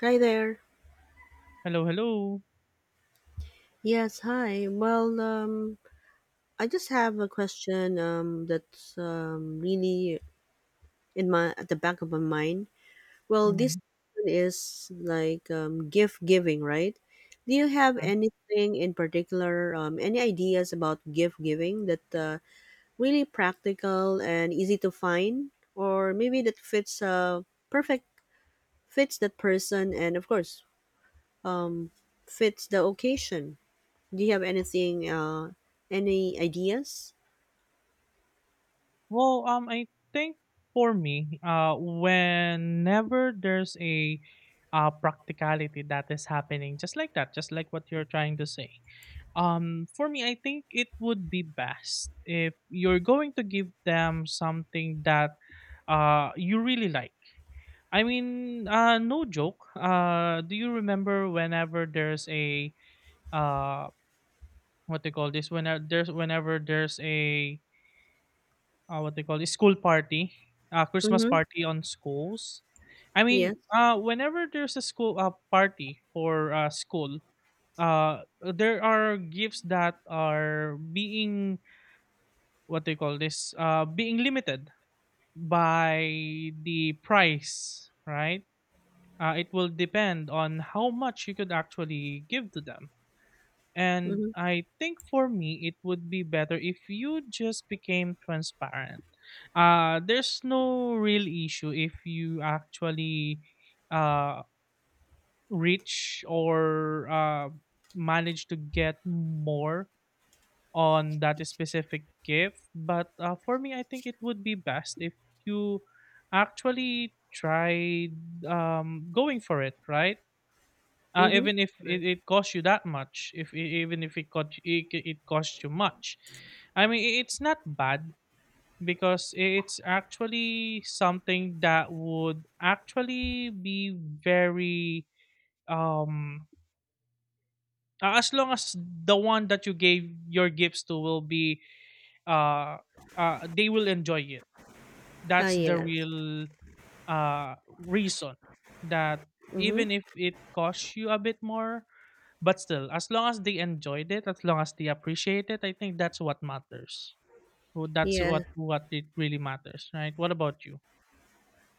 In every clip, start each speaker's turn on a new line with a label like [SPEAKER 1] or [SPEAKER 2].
[SPEAKER 1] Hi there.
[SPEAKER 2] Hello, hello.
[SPEAKER 1] Yes, hi. I just have a question that's really in my at the back of my mind. Well, this
[SPEAKER 2] Mhm,
[SPEAKER 1] is like gift giving, right? Do you have
[SPEAKER 2] mhm.
[SPEAKER 1] anything in particular, any ideas about gift giving that really practical and easy to find, or maybe that fits perfect fits that person and of course um, fits the occasion? Do you have anything, any ideas?
[SPEAKER 2] Well, I think for me, whenever there's a practicality that is happening, just like that, just like what you're trying to say, for me, I think it would be best if you're going to give them something that you really like. I mean, no joke. Do you remember whenever there's a uh, what they call this? Whenever there's a what they call this school party, Christmas
[SPEAKER 1] Mm-hmm.
[SPEAKER 2] party on schools. I
[SPEAKER 1] Yes.
[SPEAKER 2] mean, whenever there's a school party for school, there are gifts that are being what they call this being limited by the price, right? It will depend on how much you could actually give to them. And
[SPEAKER 1] Mm-hmm.
[SPEAKER 2] I think for me, it would be better if you just became transparent. There's no real issue if you actually uh, reach or manage to get more on that specific gift. But for me, I think it would be best if you actually tried going for it, right?
[SPEAKER 1] Mm-hmm.
[SPEAKER 2] Even if it costs you that much, if e- even if it cost e, it costs you much. I mean, it's not bad, because it's actually something that would actually be very um as long as the one that you gave your gifts to will be uh, they will enjoy it.
[SPEAKER 1] Uh,
[SPEAKER 2] That's the
[SPEAKER 1] yes.
[SPEAKER 2] real reason that
[SPEAKER 1] Mm-hmm.
[SPEAKER 2] even if it costs you a bit more. But still, as long as they enjoyed it, as long as they appreciate it, I think that's what matters. So that's
[SPEAKER 1] Yeah.
[SPEAKER 2] what it really matters, right? What about you?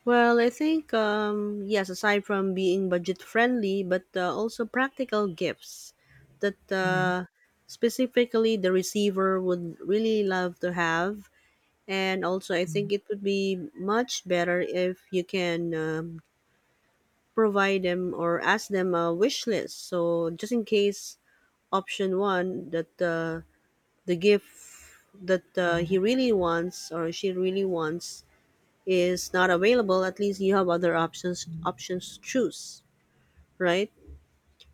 [SPEAKER 1] Well, I think yes. Aside from being budget friendly, but also practical gifts that
[SPEAKER 2] Mm-hmm.
[SPEAKER 1] specifically the receiver would really love to have, and also I
[SPEAKER 2] Hmm,
[SPEAKER 1] think it would be much better if you can provide them or ask them a wish list. So just in case option one that the gift that
[SPEAKER 2] hmm.
[SPEAKER 1] he really wants or she really wants is not available, at least you have other options to choose, right?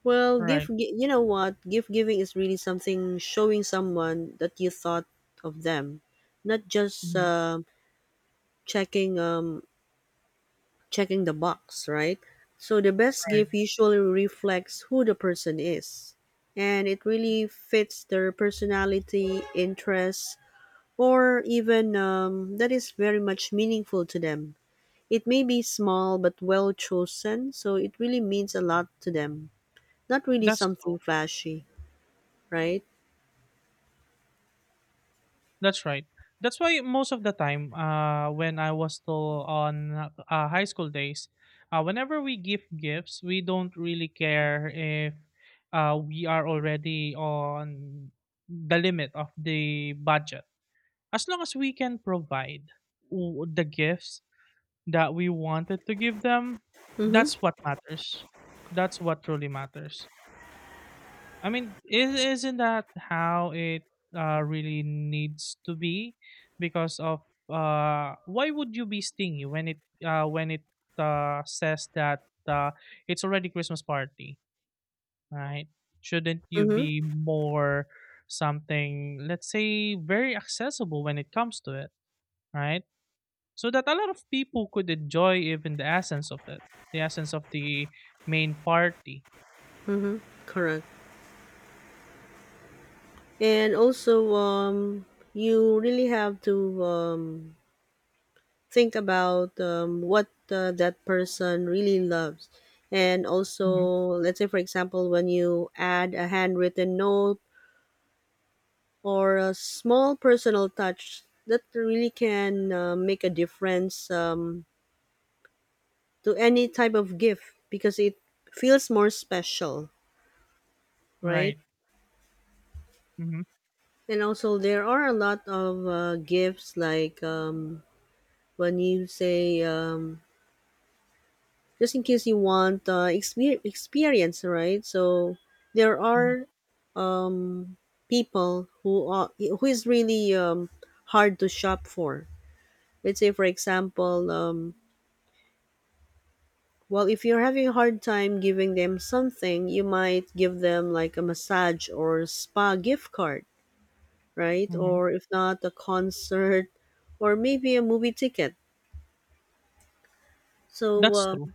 [SPEAKER 1] well gift
[SPEAKER 2] Right.
[SPEAKER 1] gi- you know what, gift giving is really something showing someone that you thought of them, not just
[SPEAKER 2] Hmm.
[SPEAKER 1] checking um, checking the box, right? So the best
[SPEAKER 2] Right.
[SPEAKER 1] gift usually reflects who the person is, and it really fits their personality, interests, or even that is very much meaningful to them. It may be small but well chosen, so it really means a lot to them. Not really
[SPEAKER 2] That's true.
[SPEAKER 1] something flashy, right?
[SPEAKER 2] That's right. That's why most of the time, when I was still on high school days, whenever we give gifts, we don't really care if we are already on the limit of the budget, as long as we can provide the gifts that we wanted to give them,
[SPEAKER 1] Mm-hmm.
[SPEAKER 2] that's what matters. That's what truly matters. I mean, is isn't that how it really needs to be? Because of why would you be stingy when it says that uh, it's already Christmas party, right? Shouldn't you
[SPEAKER 1] Mm-hmm.
[SPEAKER 2] be more something, let's say, very accessible when it comes to it, right? So that a lot of people could enjoy even the essence of it, the essence of the main party.
[SPEAKER 1] Mm-hmm. Correct. And also, you really have to think about what that person really loves. And also,
[SPEAKER 2] Hmm.
[SPEAKER 1] let's say, for example, when you add a handwritten note or a small personal touch that really can make a difference to any type of gift because it feels more special, right?
[SPEAKER 2] Right. Hmm.
[SPEAKER 1] And also, there are a lot of gifts like when you say, just in case you want experience, right? So there
[SPEAKER 2] Hmm.
[SPEAKER 1] are um, people who is really hard to shop for. Let's say, for example, well, if you're having a hard time giving them something, you might give them like a massage or spa gift card, right?
[SPEAKER 2] Hmm.
[SPEAKER 1] Or if not, a concert or maybe a movie ticket. So,
[SPEAKER 2] That's true.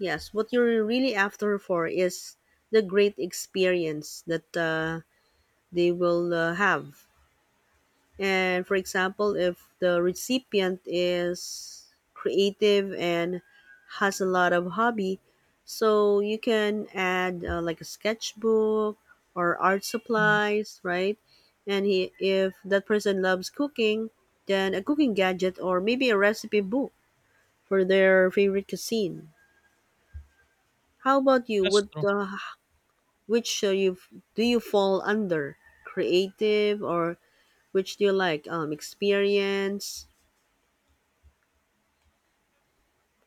[SPEAKER 1] yes, what you're really after for is the great experience that they will have. And for example, if the recipient is creative and has a lot of hobby, so you can add like a sketchbook or art
[SPEAKER 2] Hmm.
[SPEAKER 1] supplies, right? If that person loves cooking, then a cooking gadget or maybe a recipe book for their favorite cuisine. How about you?
[SPEAKER 2] That's true.
[SPEAKER 1] Which you do you fall under? Creative or which do you like? Experience?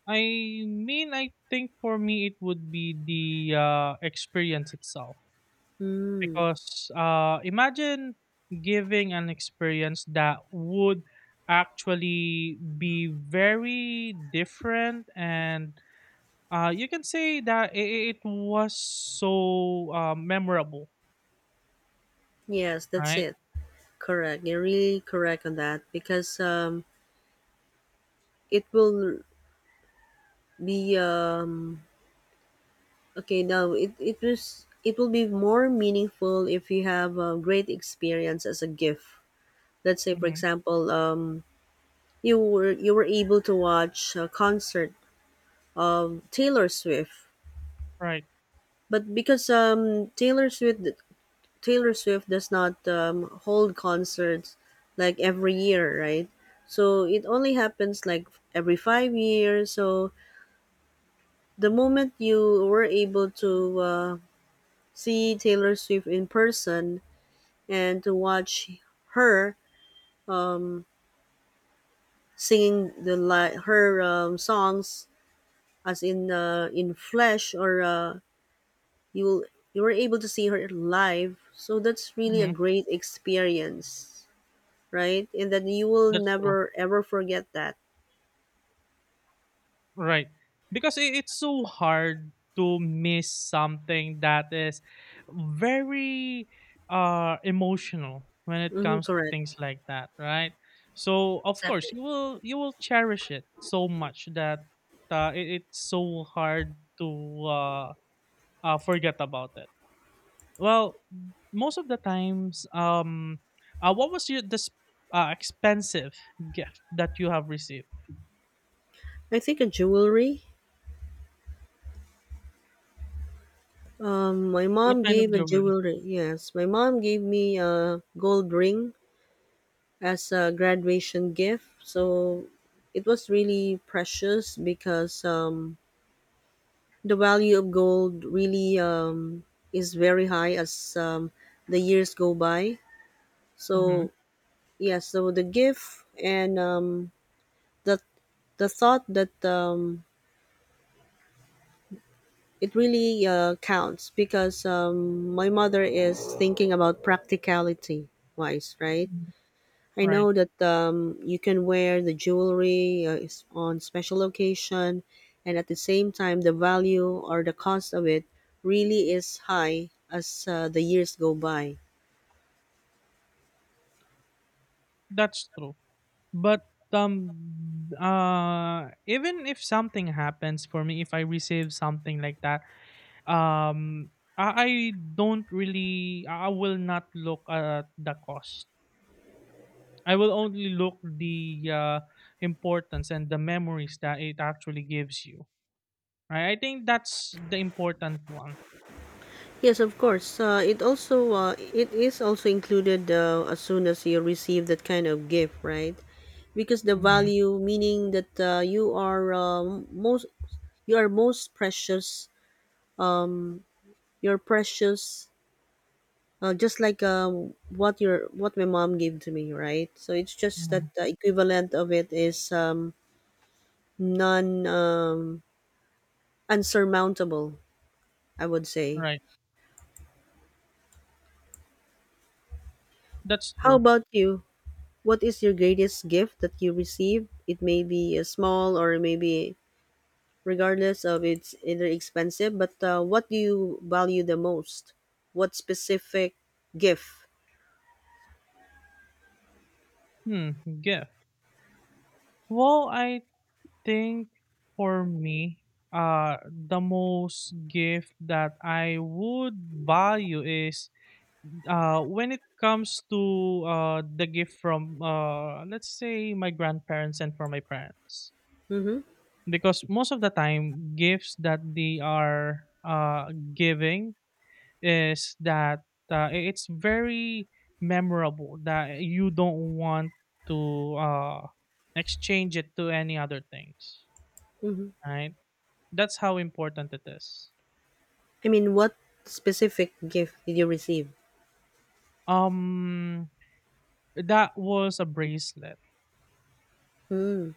[SPEAKER 2] I mean, I think for me it would be the experience itself,
[SPEAKER 1] Mm,
[SPEAKER 2] because imagine giving an experience that would actually be very different and you can say that it was so memorable,
[SPEAKER 1] yes, that's
[SPEAKER 2] right?
[SPEAKER 1] it. Correct. You're really correct on that because it will be okay. Now it will be more meaningful if you have a great experience as a gift. Let's say, for
[SPEAKER 2] Hmm.
[SPEAKER 1] example, you were able to watch a concert of Taylor Swift,
[SPEAKER 2] Right.
[SPEAKER 1] but because Taylor Swift does not hold concerts like every year, right? So it only happens like every 5 years. So the moment you were able to see Taylor Swift in person and to watch her um, singing her songs, as in flesh, or you you were able to see her live. So that's really a
[SPEAKER 2] Hmm.
[SPEAKER 1] great experience. Right? And then you will
[SPEAKER 2] That's true.
[SPEAKER 1] never ever forget that.
[SPEAKER 2] Right. Because it's so hard to miss something that is very emotional when it
[SPEAKER 1] Hmm,
[SPEAKER 2] comes to
[SPEAKER 1] correct.
[SPEAKER 2] things like that, right? So of course
[SPEAKER 1] Exactly.
[SPEAKER 2] you will cherish it so much that it's so hard to forget about it. Well, most of the times, what was your this expensive gift that you have received?
[SPEAKER 1] I think a jewelry. My
[SPEAKER 2] What
[SPEAKER 1] mom
[SPEAKER 2] kind of
[SPEAKER 1] gave a
[SPEAKER 2] jewelry?
[SPEAKER 1] jewelry. Yes, my mom gave me a gold ring as a graduation gift. So it was really precious because the value of gold really is very high as the years go by.
[SPEAKER 2] Mm-hmm.
[SPEAKER 1] So yes, so the gift and the the thought that it really counts because my mother is thinking about practicality wise, right? I
[SPEAKER 2] Right,
[SPEAKER 1] know that you can wear the jewelry is on special occasion, and at the same time, the value or the cost of it really is high as the years go by.
[SPEAKER 2] that's true. But even if something happens for me, if I receive something like that, um, I don't really, I will not look at the cost. I will only look the importance and the memories that it actually gives you. Right, I think that's the important one.
[SPEAKER 1] Yes, of course. It is also included as soon as you receive that kind of gift, right? Because the
[SPEAKER 2] Mhm,
[SPEAKER 1] value, meaning that you are most you are most precious. You're precious, just like what my mom gave to me, right? So it's just that
[SPEAKER 2] mhm.
[SPEAKER 1] the equivalent of it is non unsurmountable, I would say.
[SPEAKER 2] Right, that's
[SPEAKER 1] How
[SPEAKER 2] true.
[SPEAKER 1] about you? What is your greatest gift that you received? It may be small, or maybe, regardless of it's either expensive, but what do you value the most? What specific gift?
[SPEAKER 2] Hmm, gift. Well, I think for me, the most gift that I would value is when it comes to the gift from, let's say, my grandparents and from my parents.
[SPEAKER 1] Mm-hmm.
[SPEAKER 2] Because most of the time, gifts that they are giving is that it's very memorable that you don't want to exchange it to any other things,
[SPEAKER 1] Mm-hmm.
[SPEAKER 2] right? That's how important it is.
[SPEAKER 1] I mean, what specific gift did you receive?
[SPEAKER 2] um that was a bracelet,
[SPEAKER 1] Hmm.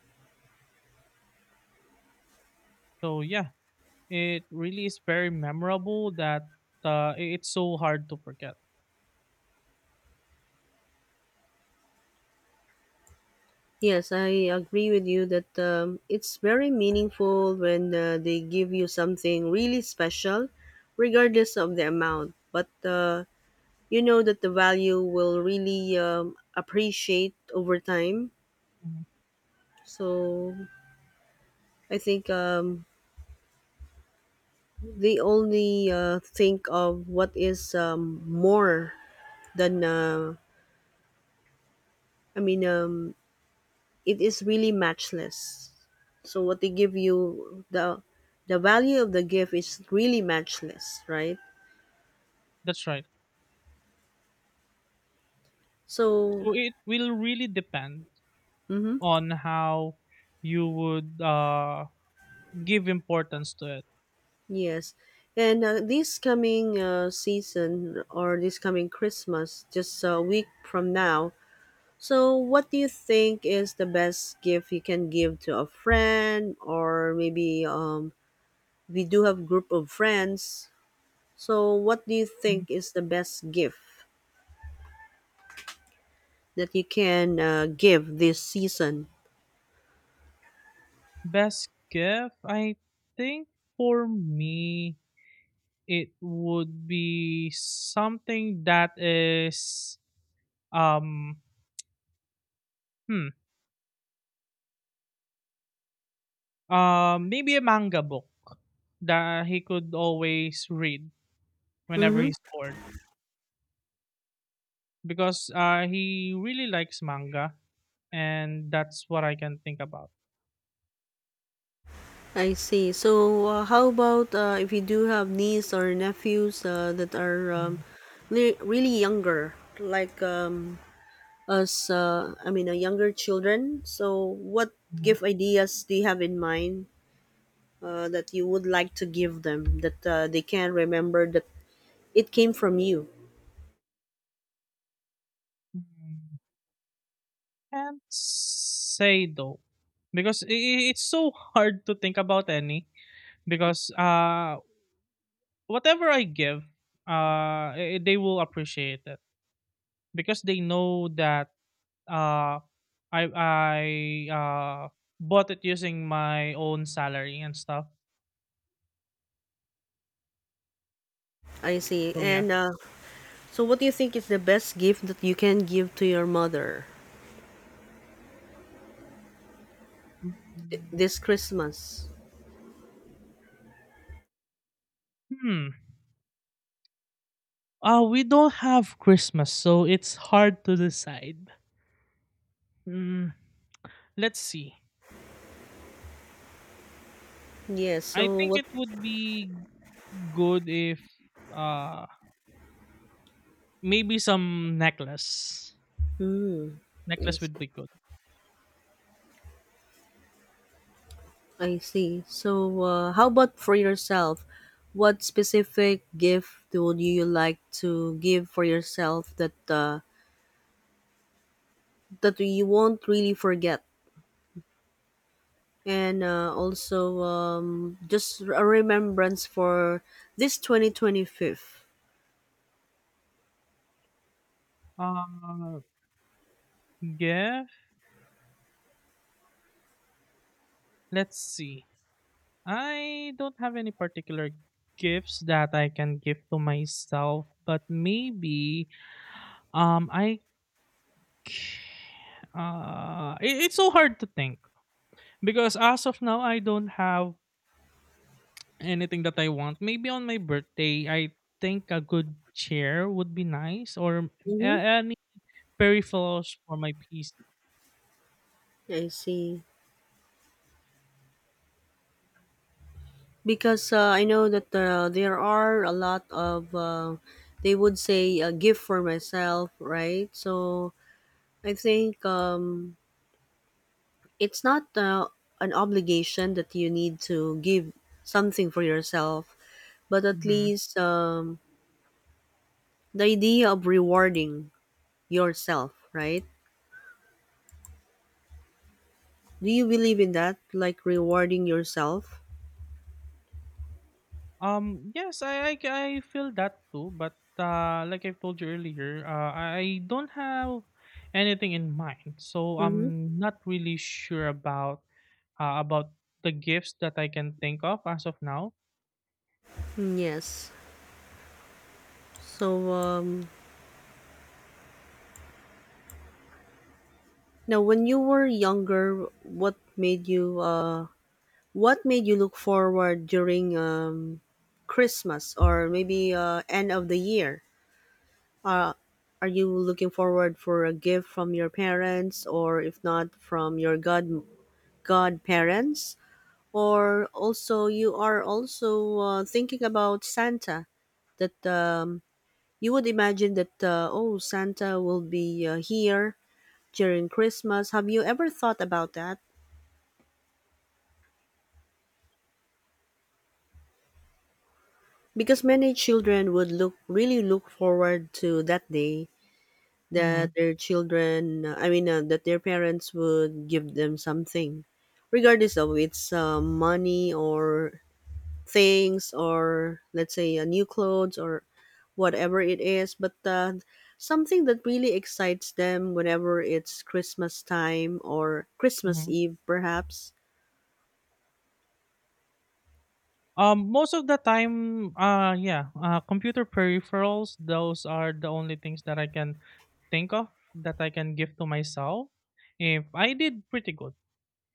[SPEAKER 2] so yeah, it really is very memorable that it's so hard to forget.
[SPEAKER 1] Yes, I agree with you that it's very meaningful when they give you something really special, regardless of the amount. But you know that the value will really appreciate over time.
[SPEAKER 2] Mhm.
[SPEAKER 1] So I think they only think of what is more than, I mean, it is really matchless. So what they give you, the value of the gift is really matchless, right?
[SPEAKER 2] That's right.
[SPEAKER 1] So,
[SPEAKER 2] So it will really depend
[SPEAKER 1] mm-hmm,
[SPEAKER 2] on how you would give importance to it.
[SPEAKER 1] yes. And this coming season, or this coming Christmas, just a week from now, so what do you think is the best gift you can give to a friend, or maybe we do have group of friends? So, what do you
[SPEAKER 2] Mm-hmm.
[SPEAKER 1] think is the best gift that you can give this season?
[SPEAKER 2] Best gift, I think for me it would be something that is um hmm maybe a manga book that he could always read whenever
[SPEAKER 1] Mm-hmm.
[SPEAKER 2] he's bored, because he really likes manga, and that's what I can think about.
[SPEAKER 1] I see. So, how about if you do have niece or nephews that are
[SPEAKER 2] Mm,
[SPEAKER 1] really younger, like us? I mean, younger children. So, what
[SPEAKER 2] mm,
[SPEAKER 1] gift ideas do you have in mind? That you would like to give them, that they can remember that it came from you.
[SPEAKER 2] mm. Can't say though, because it's so hard to think about any, because whatever I give, they will appreciate it, because they know that uh, I uh, bought it using my own salary and stuff.
[SPEAKER 1] I see.
[SPEAKER 2] So yeah.
[SPEAKER 1] And so, what do you think is the best gift that you can give to your mother
[SPEAKER 2] Mm.
[SPEAKER 1] this Christmas?
[SPEAKER 2] Hmm. We don't have Christmas, so it's hard to decide. Mm, let's see.
[SPEAKER 1] Yes.
[SPEAKER 2] I
[SPEAKER 1] So,
[SPEAKER 2] think
[SPEAKER 1] what?
[SPEAKER 2] it would be good if uh maybe some necklace.
[SPEAKER 1] Hmm. I
[SPEAKER 2] Necklace
[SPEAKER 1] see.
[SPEAKER 2] would be good.
[SPEAKER 1] I see. So, how about for yourself? What specific gift would you like to give for yourself, that you won't really forget? And also just a remembrance for this 2025.
[SPEAKER 2] Uh, yeah. Let's see. I don't have any particular gifts that I can give to myself, but maybe um I c- it's so hard to think because as of now I don't have anything that I want. Maybe on my birthday I think a good chair would be nice or
[SPEAKER 1] Mm-hmm.
[SPEAKER 2] any peripherals for my PC.
[SPEAKER 1] I see. Because I know that there are a lot of they would say a gift for myself, right? So I think it's not an obligation that you need to give something for yourself, but at least the idea of rewarding yourself, right? Do you believe in that? Like rewarding yourself?
[SPEAKER 2] Yes, I feel that too, but like I've told you earlier, I don't have anything in mind, so
[SPEAKER 1] Mm-hmm.
[SPEAKER 2] I'm not really sure about uh, about the gifts that I can think of as of now.
[SPEAKER 1] Yes. So now, when you were younger, what made you look forward during Christmas, or maybe end of the year? Uh, are you looking forward for a gift from your parents, or if not, from your godparents? Or also, you are also thinking about Santa, that you would imagine that, oh, Santa will be here during Christmas. Have you ever thought about that? Because many children would look really look forward to that day,
[SPEAKER 2] Mm-hmm,
[SPEAKER 1] that their I mean, that their parents would give them something, regardless of it's money or things, or let's say new clothes, or whatever it is, but something that really excites them whenever it's Christmas time, or Christmas
[SPEAKER 2] mm-hmm.
[SPEAKER 1] Eve perhaps.
[SPEAKER 2] Most of the time, yeah, computer peripherals, those are the only things that I can think of that I can give to myself. If I did pretty good.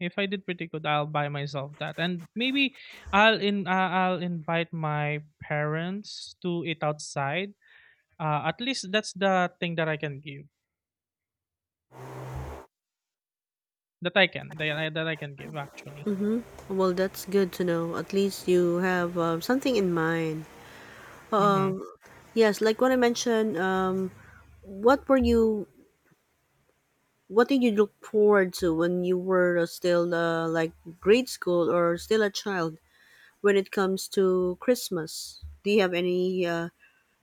[SPEAKER 2] If I did pretty good, I'll buy myself that, and maybe I'll invite my parents to eat outside. At least that's the thing that I can give. That I can give actually.
[SPEAKER 1] Well, that's good to know, at least you have something in mind,
[SPEAKER 2] Hmm.
[SPEAKER 1] um yes. Like what I mentioned, what were you what did you look forward to when you were still like grade school, or still a child? When it comes to Christmas, do you have any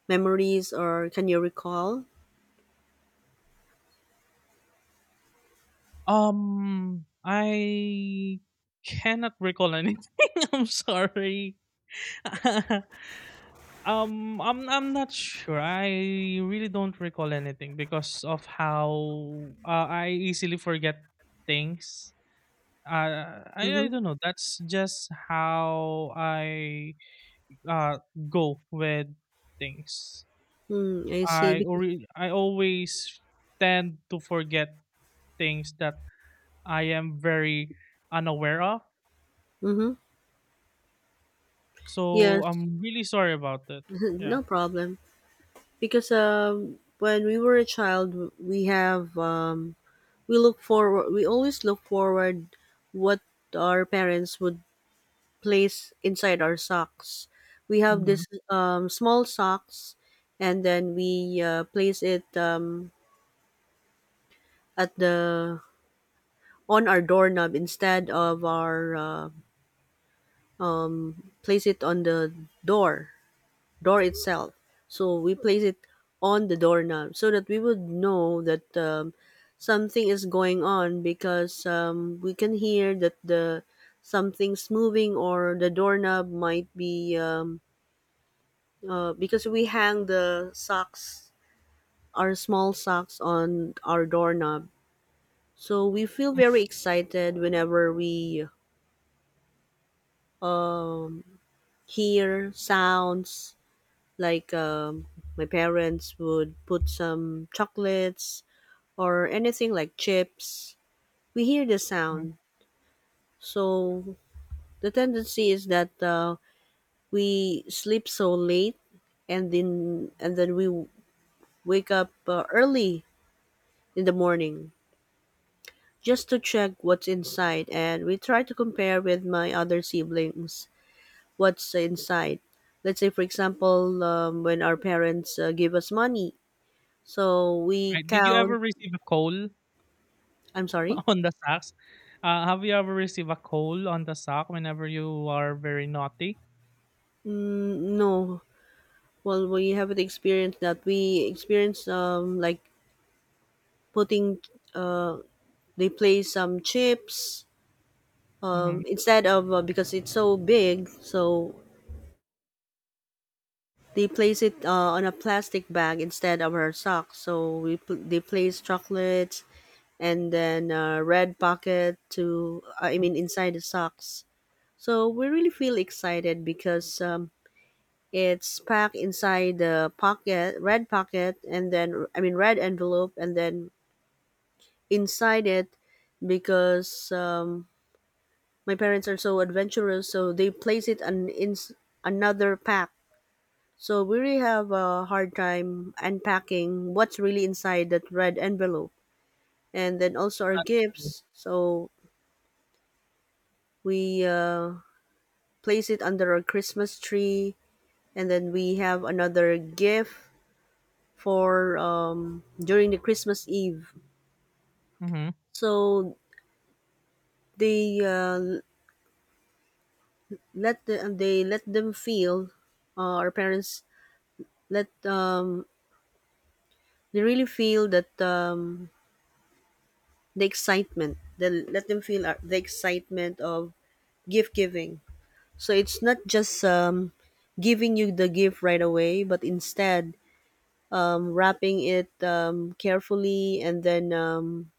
[SPEAKER 1] memories, or can you recall?
[SPEAKER 2] I cannot recall anything. I'm sorry. I'm not sure. I really don't recall anything because of how I easily forget things. I
[SPEAKER 1] Mm-hmm.
[SPEAKER 2] don't know. That's just how I uh go with things.
[SPEAKER 1] Mm, I see.
[SPEAKER 2] I
[SPEAKER 1] Because,
[SPEAKER 2] ori I always tend to forget things that I am very unaware of.
[SPEAKER 1] mm-hmm.
[SPEAKER 2] So
[SPEAKER 1] Yes,
[SPEAKER 2] I'm really sorry about that. Yeah.
[SPEAKER 1] no problem. Because when we were a child, we have we look forward. We always look forward what our parents would place inside our socks. We have
[SPEAKER 2] Mm-hmm.
[SPEAKER 1] this small socks, and then we place it at the on our doorknob, instead of our place it on the door door itself. So we place it on the doorknob so that we would know that something is going on, because we can hear that the something's moving, or the doorknob might be because we hang the socks, our small socks, on our doorknob. So we feel very excited whenever we um, hear sounds, like my parents would put some chocolates or anything like chips. We hear the
[SPEAKER 2] Mm-hmm.
[SPEAKER 1] sound. So the tendency is that we sleep so late, and then we wake up early in the morning, just to check what's inside, and we try to compare with my other siblings what's inside. Let's say, for example, when our parents give us money, so we
[SPEAKER 2] Right. Did you ever
[SPEAKER 1] count.
[SPEAKER 2] receive a coal
[SPEAKER 1] I'm sorry?
[SPEAKER 2] on the socks? Have you ever received a coal on the sock whenever you are very naughty?
[SPEAKER 1] Mm, no. Well, we haven't experienced that. We experienced like putting uh they play some chips
[SPEAKER 2] Mm-hmm.
[SPEAKER 1] instead of because it's so big, so they place it on a plastic bag instead of our socks. So they place chocolates and then red pocket to I mean inside the socks. So we really feel excited because it's packed inside the pocket, red pocket, and then I mean red envelope, and then inside it, because my parents are so adventurous, so they place it on in another pack. So we really have a hard time unpacking what's really inside that red envelope, and then also our
[SPEAKER 2] That's true.
[SPEAKER 1] gifts. So we place it under our Christmas tree, and then we have another gift for during the Christmas Eve,
[SPEAKER 2] Mm-hmm.
[SPEAKER 1] so they they let them feel our parents let they really feel that the excitement, they let them feel the excitement of gift giving. So it's not just giving you the gift right away, but instead wrapping it carefully, and then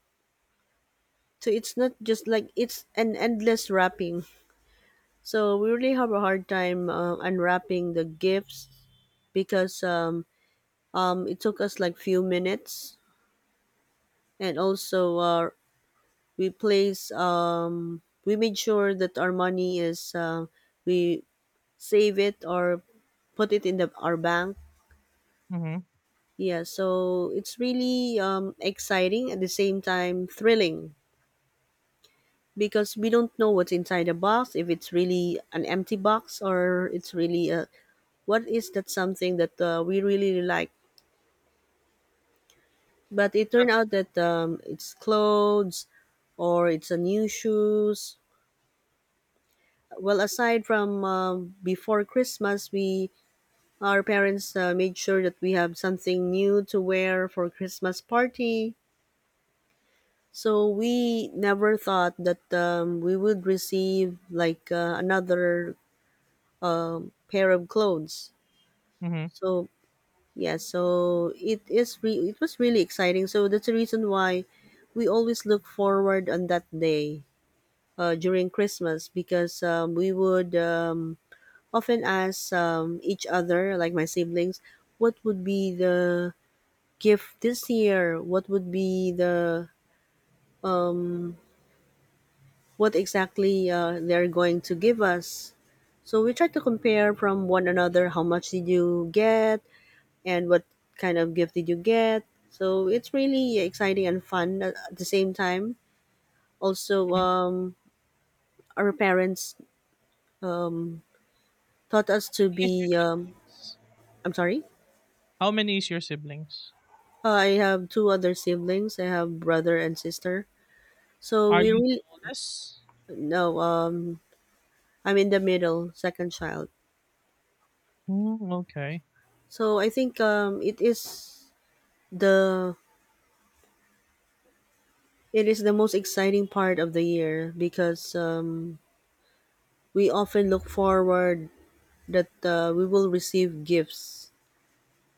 [SPEAKER 1] so it's not just like it's an endless wrapping. So we really have a hard time unwrapping the gifts because it took us like few minutes, and also we made sure that our money is we save it or put it in the our bank.
[SPEAKER 2] Mm-hmm.
[SPEAKER 1] Yeah, so it's really exciting, at the same time thrilling, because we don't know what's inside the box, if it's really an empty box or it's really a, what is that, something that we really really like. But it turned
[SPEAKER 2] That's.
[SPEAKER 1] out that it's clothes or it's a new shoes. Well, aside from before Christmas, we, our parents made sure that we have something new to wear for Christmas party. So we never thought that we would receive like another pair of clothes.
[SPEAKER 2] Mhm.
[SPEAKER 1] So yeah, so it was really exciting. So that's the reason why we always look forward on that day during Christmas because we would often ask each other, like my siblings, what would be the gift this year? What would be the um, what exactly they're going to give us? So we try to compare from one another how much did you get and what kind of gift did you get. So it's really exciting and fun at the same time. Also, our parents um, taught us
[SPEAKER 2] How
[SPEAKER 1] to
[SPEAKER 2] many is your
[SPEAKER 1] be
[SPEAKER 2] siblings?
[SPEAKER 1] I'm sorry.
[SPEAKER 2] How many is your siblings?
[SPEAKER 1] I have two other siblings. I have brother and sister. So
[SPEAKER 2] Are
[SPEAKER 1] we
[SPEAKER 2] you the
[SPEAKER 1] really,
[SPEAKER 2] oldest?
[SPEAKER 1] no. I'm in the middle, second child.
[SPEAKER 2] Mm, okay.
[SPEAKER 1] So I think the it is the most exciting part of the year, because we often look forward that we will receive gifts,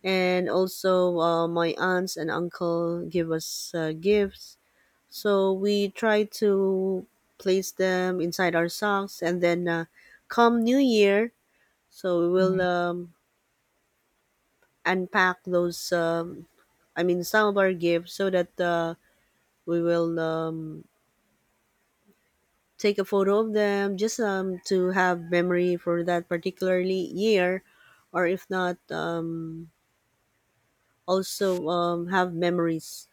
[SPEAKER 1] and also my aunts and uncle give us gifts. So we try to place them inside our socks, and then come New Year, so we will
[SPEAKER 2] Mm-hmm,
[SPEAKER 1] unpack those. I mean, some of our gifts, so that we will take a photo of them, just to have memory for that particularly year, or if not, also have memories.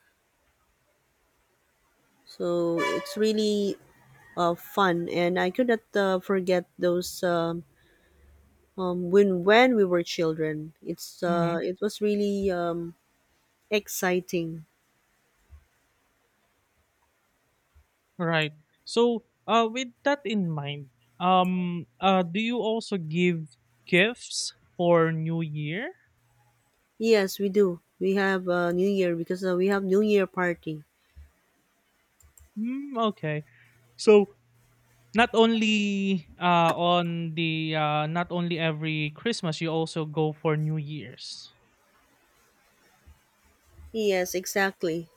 [SPEAKER 1] So it's really fun, and I could not forget those. When we were children. It's
[SPEAKER 2] mm-hmm.
[SPEAKER 1] it was really exciting.
[SPEAKER 2] Right. So, with that in mind, do you also give gifts for New Year?
[SPEAKER 1] Yes, we do. We have New Year because we have New Year party.
[SPEAKER 2] Mm, okay. So not only every Christmas, you also go for New Year's.
[SPEAKER 1] Yes, exactly.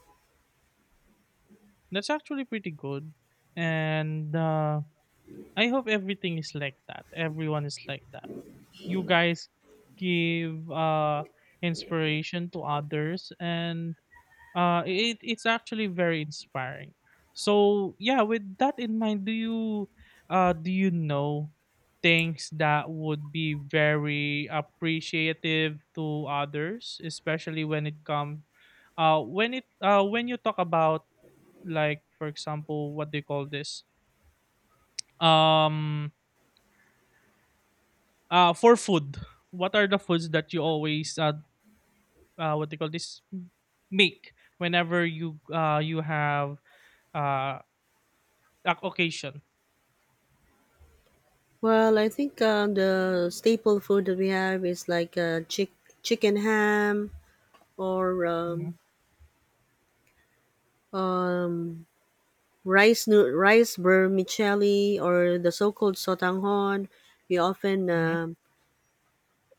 [SPEAKER 2] That's actually pretty good, and I hope everything is like that. Everyone is like that. You guys give inspiration to others, and it's actually very inspiring. So yeah, with that in mind, do you know things that would be very appreciative to others, especially when it come when it when you talk about, like for example, what do you call this, um for food, what are the foods that you always, what they call this, make whenever you have uh, a occasion.
[SPEAKER 1] Well, I think the staple food that we have is like chicken ham or
[SPEAKER 2] Mhm,
[SPEAKER 1] um, rice rice vermicelli, or the so-called sotanghon. We often
[SPEAKER 2] mhm.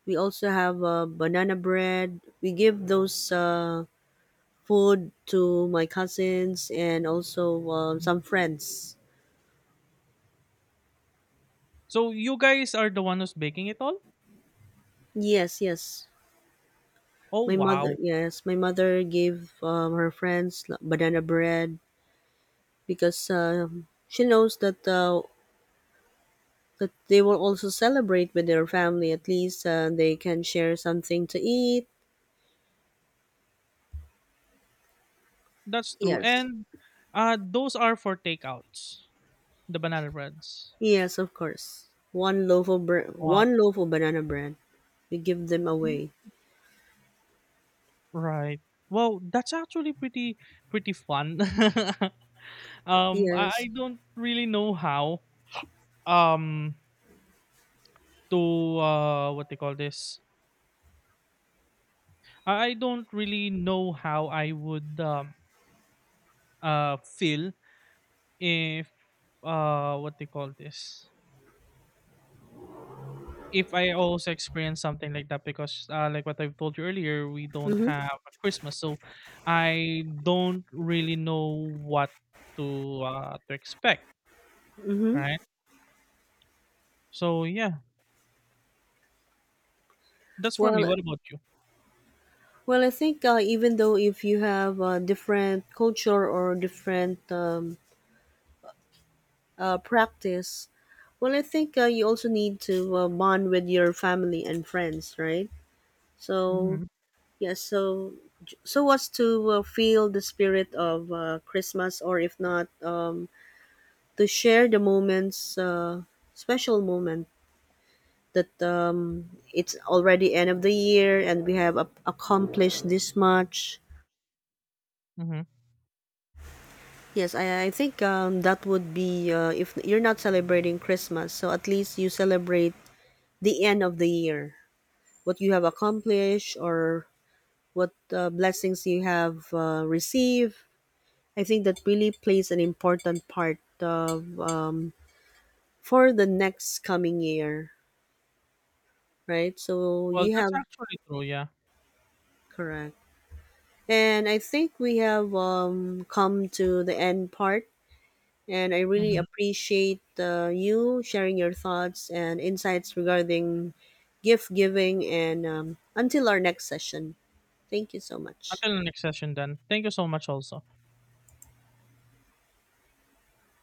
[SPEAKER 1] we also have banana bread. We give those food to my cousins and also some friends.
[SPEAKER 2] So you guys are the one who's baking it all.
[SPEAKER 1] Yes, yes.
[SPEAKER 2] Oh
[SPEAKER 1] My mother,
[SPEAKER 2] wow,
[SPEAKER 1] yes, my mother gave her friends like banana bread, because she knows that that they will also celebrate with their family. At least they can share something to eat.
[SPEAKER 2] that's true.
[SPEAKER 1] Yes,
[SPEAKER 2] And those are for takeouts, the banana breads.
[SPEAKER 1] yes, of course. One loaf of
[SPEAKER 2] Wow,
[SPEAKER 1] one loaf of banana bread. We give them away.
[SPEAKER 2] right. Well, that's actually pretty fun. I,
[SPEAKER 1] Yes.
[SPEAKER 2] I don't really know how um to what they call this. I don't really know how I would feel if what they call this, if I also experience something like that, because like what I've told you earlier, we don't
[SPEAKER 1] Mhm.
[SPEAKER 2] have a Christmas, so I don't really know what to expect.
[SPEAKER 1] Mhm.
[SPEAKER 2] Right, so yeah, that's for me.
[SPEAKER 1] Well,
[SPEAKER 2] What about you?
[SPEAKER 1] Well, I think even though if you have different culture or different practice, well, I think you also need to bond with your family and friends, right? So
[SPEAKER 2] Mm-hmm.
[SPEAKER 1] yeah, so as to feel the spirit of Christmas, or if not, to share the moments, special moment that it's already end of the year and we have accomplished this much.
[SPEAKER 2] Mm-hmm.
[SPEAKER 1] Yes, I think that would be if you're not celebrating Christmas, so at least you celebrate the end of the year, what you have accomplished or what blessings you have received. I think that really plays an important part of for the next coming year, right? So
[SPEAKER 2] Well,
[SPEAKER 1] you
[SPEAKER 2] that's
[SPEAKER 1] have
[SPEAKER 2] actually true. Yeah.
[SPEAKER 1] correct, and I think we have come to the end part. And I really
[SPEAKER 2] Mm-hmm.
[SPEAKER 1] appreciate you sharing your thoughts and insights regarding gift giving. And until our next session, thank you so much.
[SPEAKER 2] Until the next session then, thank you so much also.